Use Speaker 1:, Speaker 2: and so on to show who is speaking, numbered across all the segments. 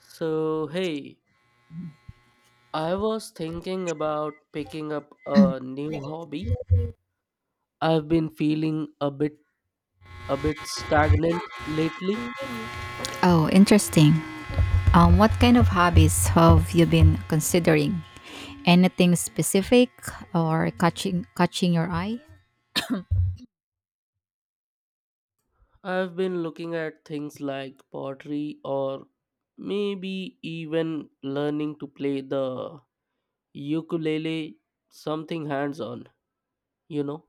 Speaker 1: So, hey, I was thinking about picking up a new hobby. I've been feeling a bit stagnant lately.
Speaker 2: Oh, interesting. What kind of hobbies have you been considering? Anything specific or catching your eye?
Speaker 1: I've been looking at things like pottery or maybe even learning to play the ukulele, something hands-on, you know.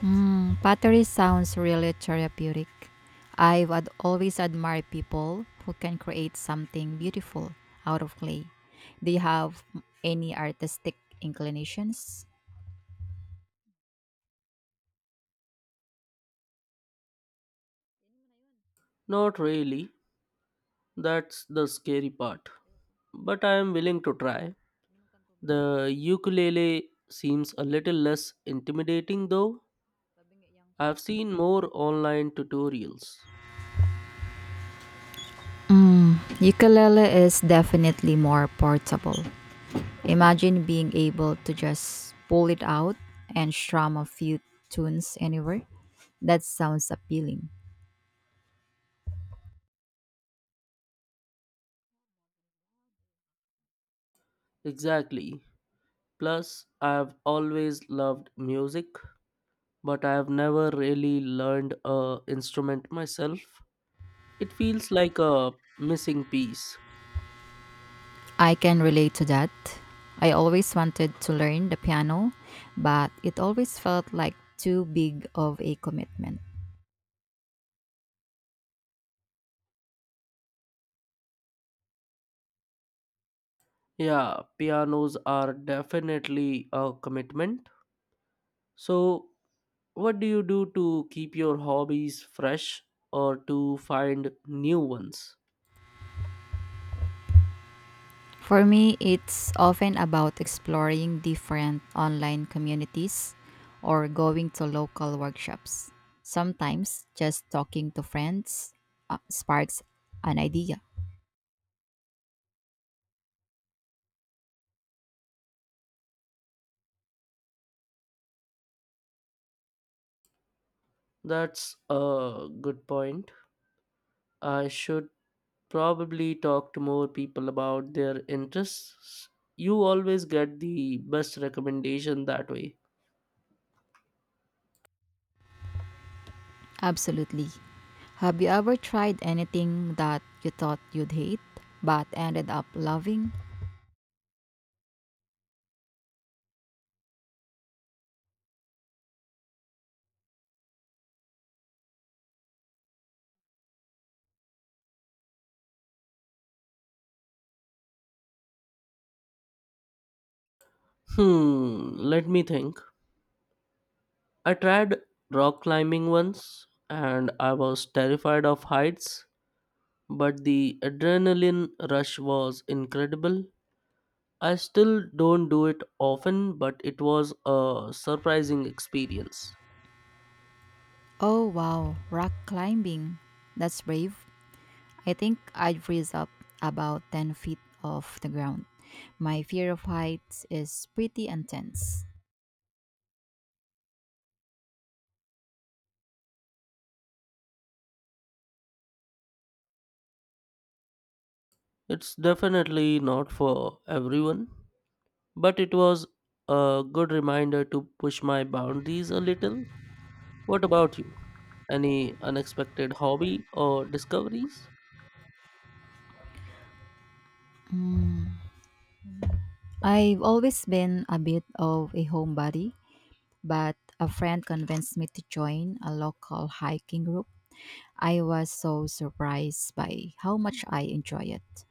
Speaker 2: Hmm, pottery sounds really therapeutic. Always admired people who can create something beautiful out of clay. Do you have any artistic inclinations?
Speaker 1: Not really. That's the scary part. But I am willing to try. The ukulele seems a little less intimidating though I've seen more online tutorials.
Speaker 2: Mm, ukulele is definitely more portable. Imagine being able to just pull it out and strum a few tunes anywhere. That sounds appealing.
Speaker 1: Exactly. Plus, I've always loved music, but I've never really learned a instrument myself. It feels like a missing piece.
Speaker 2: I can relate to that. I always wanted to learn the piano, but it always felt like too big of a commitment.
Speaker 1: Yeah, pianos are definitely a commitment. So, what do you do to keep your hobbies fresh or to find new ones?
Speaker 2: For me, it's often about exploring different online communities or going to local workshops. Sometimes just talking to friends sparks an idea.
Speaker 1: That's a good point. I should probably talk to more people about their interests. You always get the best recommendation that way.
Speaker 2: Absolutely. Have you ever tried anything that you thought you'd hate but ended up loving?
Speaker 1: Hmm, let me think. I tried rock climbing once and I was terrified of heights, but the adrenaline rush was incredible. I still don't do it often, but it was a surprising experience.
Speaker 2: Oh wow, rock climbing. That's brave. I think I'd freeze up about 10 feet off the ground. My fear of heights is pretty intense.
Speaker 1: It's definitely not for everyone. But it was a good reminder to push my boundaries a little. What about you? Any unexpected hobby or discoveries?
Speaker 2: I've always been a bit of a homebody, but a friend convinced me to join a local hiking group. I was so surprised by how much I enjoy it.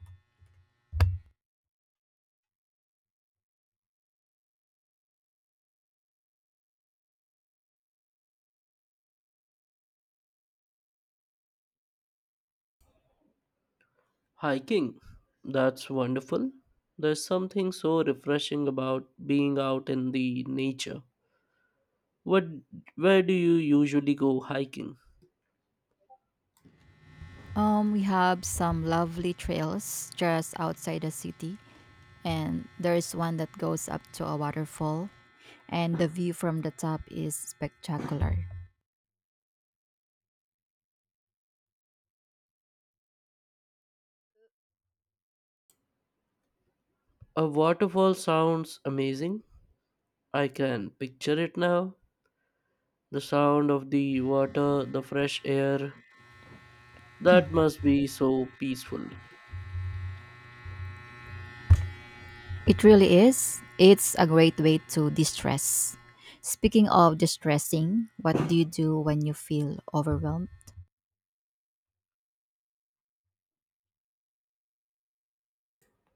Speaker 1: Hiking. That's wonderful. There's something so refreshing about being out in the nature. What where do you usually go hiking?
Speaker 2: We have some lovely trails just outside the city, and there's one that goes up to a waterfall, and the view from the top is spectacular.
Speaker 1: A waterfall sounds amazing. I can picture it now. The sound of the water, the fresh air. That must be so peaceful.
Speaker 2: It really is. It's a great way to distress. Speaking of distressing, what do you do when you feel overwhelmed?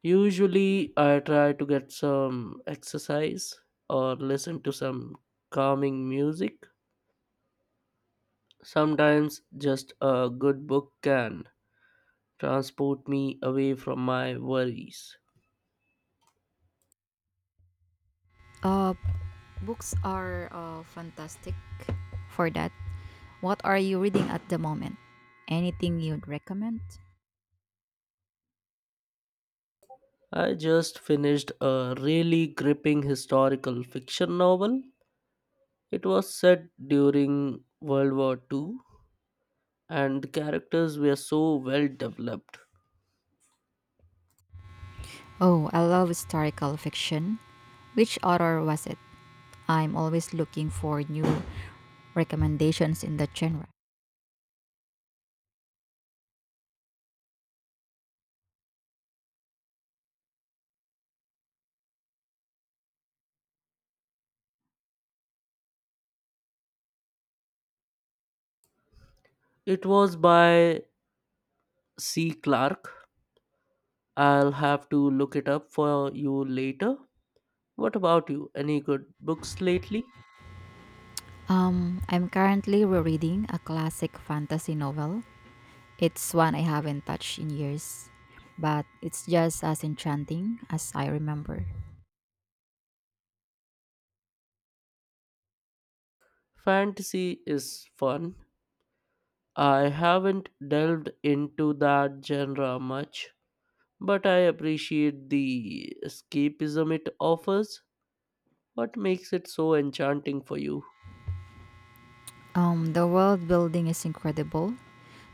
Speaker 1: Usually, I try to get some exercise or listen to some calming music. Sometimes, just a good book can transport me away from my worries.
Speaker 2: Uh, Books are fantastic for that. What are you reading at the moment? Anything you'd recommend?
Speaker 1: I just finished a really gripping historical fiction novel. It was set during World War Two, and the characters were so well developed.
Speaker 2: Oh, I love historical fiction. Which author was it? I'm always looking for new recommendations in that genre.
Speaker 1: It was by C. Clarke. I'll have to look it up for you later. What about you? Any good books lately?
Speaker 2: I'm currently rereading a classic fantasy novel. It's one I haven't touched in years, but it's just as enchanting as I remember.
Speaker 1: Fantasy is fun. I haven't delved into that genre much, but I appreciate the escapism it offers. What makes it so enchanting for you?
Speaker 2: The world building is incredible.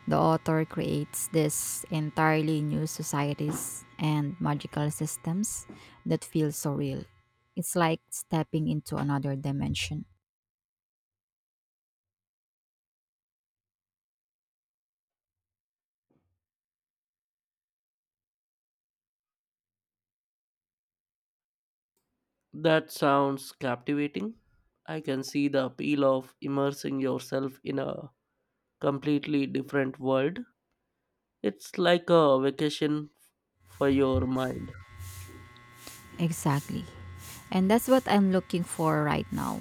Speaker 2: The author creates these entirely new societies and magical systems that feel so real. It's like stepping into another dimension.
Speaker 1: That sounds captivating. I can see the appeal of immersing yourself in a completely different world. It's like a vacation for your mind.
Speaker 2: Exactly. And that's what I'm looking for right now,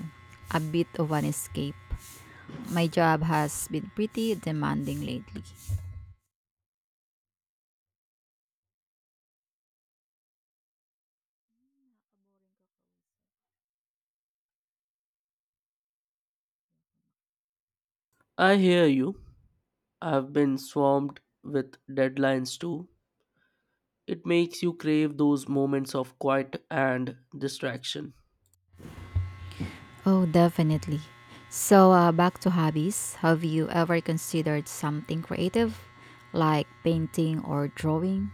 Speaker 2: a bit of an escape. My job has been pretty demanding lately.
Speaker 1: I hear you. I've been swamped with deadlines too. It makes you crave those moments of quiet and distraction.
Speaker 2: Oh, definitely. So, back to hobbies. Have you ever considered something creative like painting or drawing?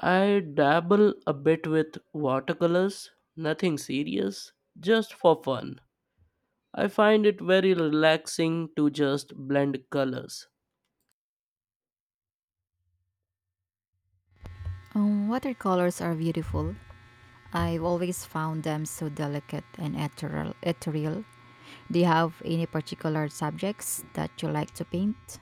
Speaker 1: I dabble a bit with watercolors, nothing serious, just for fun. I find it very relaxing to just blend colors,
Speaker 2: Watercolors are beautiful. I've always found them so delicate and ethereal. Do you have any particular subjects that you like to paint?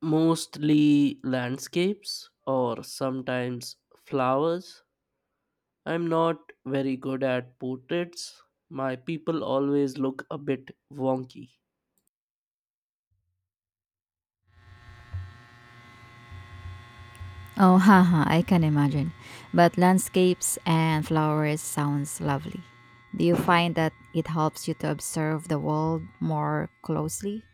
Speaker 1: mostly landscapes or sometimes flowers. I'm not very good at portraits. My people always look a bit wonky.
Speaker 2: Oh, haha, I can imagine. But landscapes and flowers sounds lovely. Do you find that it helps you to observe the world more closely?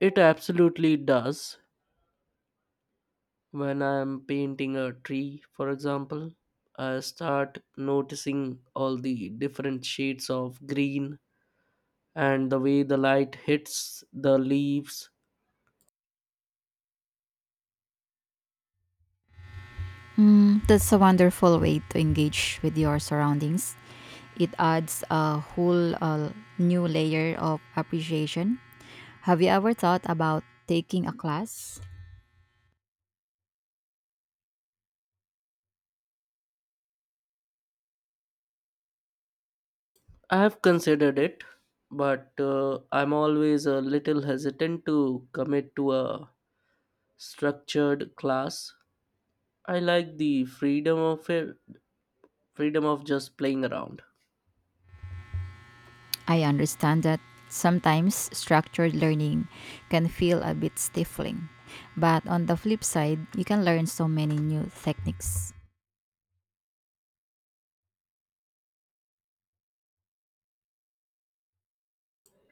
Speaker 1: It absolutely does. When I'm painting a tree, for example, I start noticing all the different shades of green and the way the light hits the leaves.
Speaker 2: Mm, that's a wonderful way to engage with your surroundings. It adds a whole new layer of appreciation. Have you ever thought about taking a class?
Speaker 1: I have considered it, but I'm always a little hesitant to commit to a structured class. I like the freedom of it, freedom of just playing around.
Speaker 2: I understand that sometimes structured learning can feel a bit stifling, but on the flip side, you can learn so many new techniques.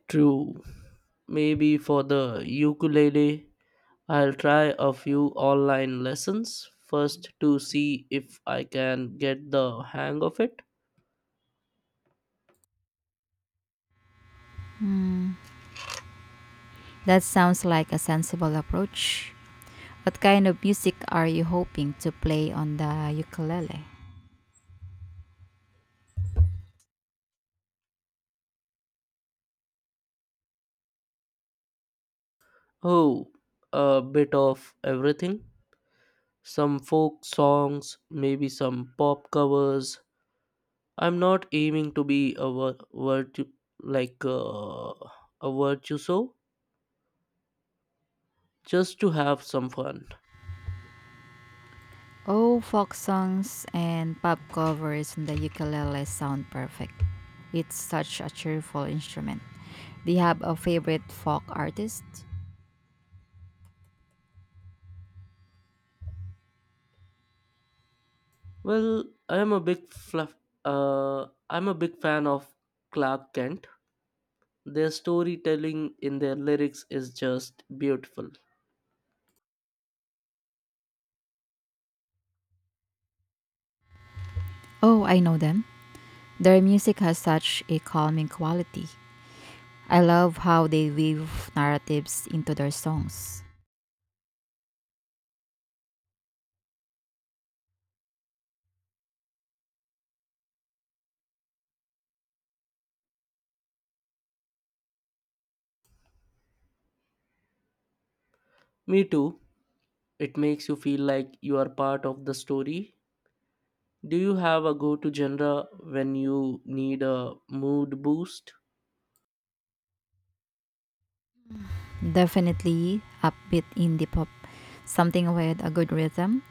Speaker 1: True. Maybe for the ukulele, I'll try a few online lessons first to see if I can get the hang of it.
Speaker 2: That sounds like a sensible approach. What kind of music are you hoping to play on the ukulele?
Speaker 1: Oh, a bit of everything. Some folk songs, maybe some pop covers. I'm not aiming to be a vir- virtu like a virtuoso, just to have some fun.
Speaker 2: Oh, folk songs and pop covers on the ukulele sound perfect. It's such a cheerful instrument. Do you have a favorite folk artist?
Speaker 1: Well, I am a big fluff. I'm a big fan of Clark Kent. Their storytelling in their lyrics is just beautiful.
Speaker 2: Oh, I know them. Their music has such a calming quality. I love how they weave narratives into their songs.
Speaker 1: Me too. It makes you feel like you are part of the story. Do you have a go to genre when you need a mood boost?
Speaker 2: Definitely upbeat indie pop, something with a good rhythm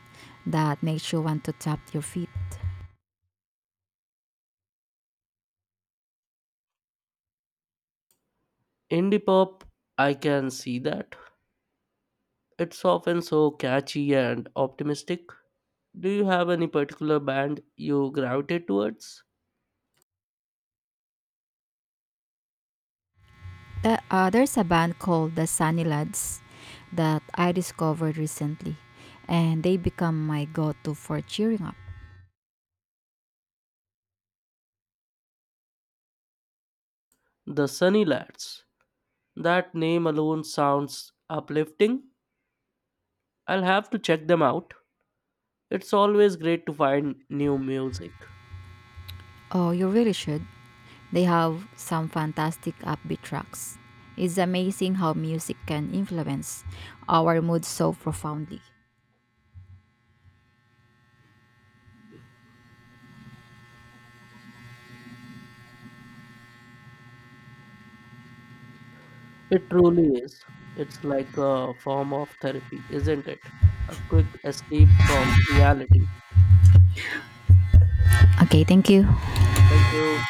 Speaker 2: that makes you want to tap your feet.
Speaker 1: Indie pop, I can see that. It's often so catchy and optimistic. Do you have any particular band you gravitate towards?
Speaker 2: There's a band called the Sunny Lads that I discovered recently, and they become my go to for cheering up.
Speaker 1: The Sunny Lads. That name alone sounds uplifting. I'll have to check them out. It's always great to find new music.
Speaker 2: Oh, you really should. They have some fantastic upbeat tracks. It's amazing how music can influence our mood so profoundly.
Speaker 1: It truly is. It's like a form of therapy, isn't it? A quick escape from reality.
Speaker 2: Okay, thank you.
Speaker 1: Thank you.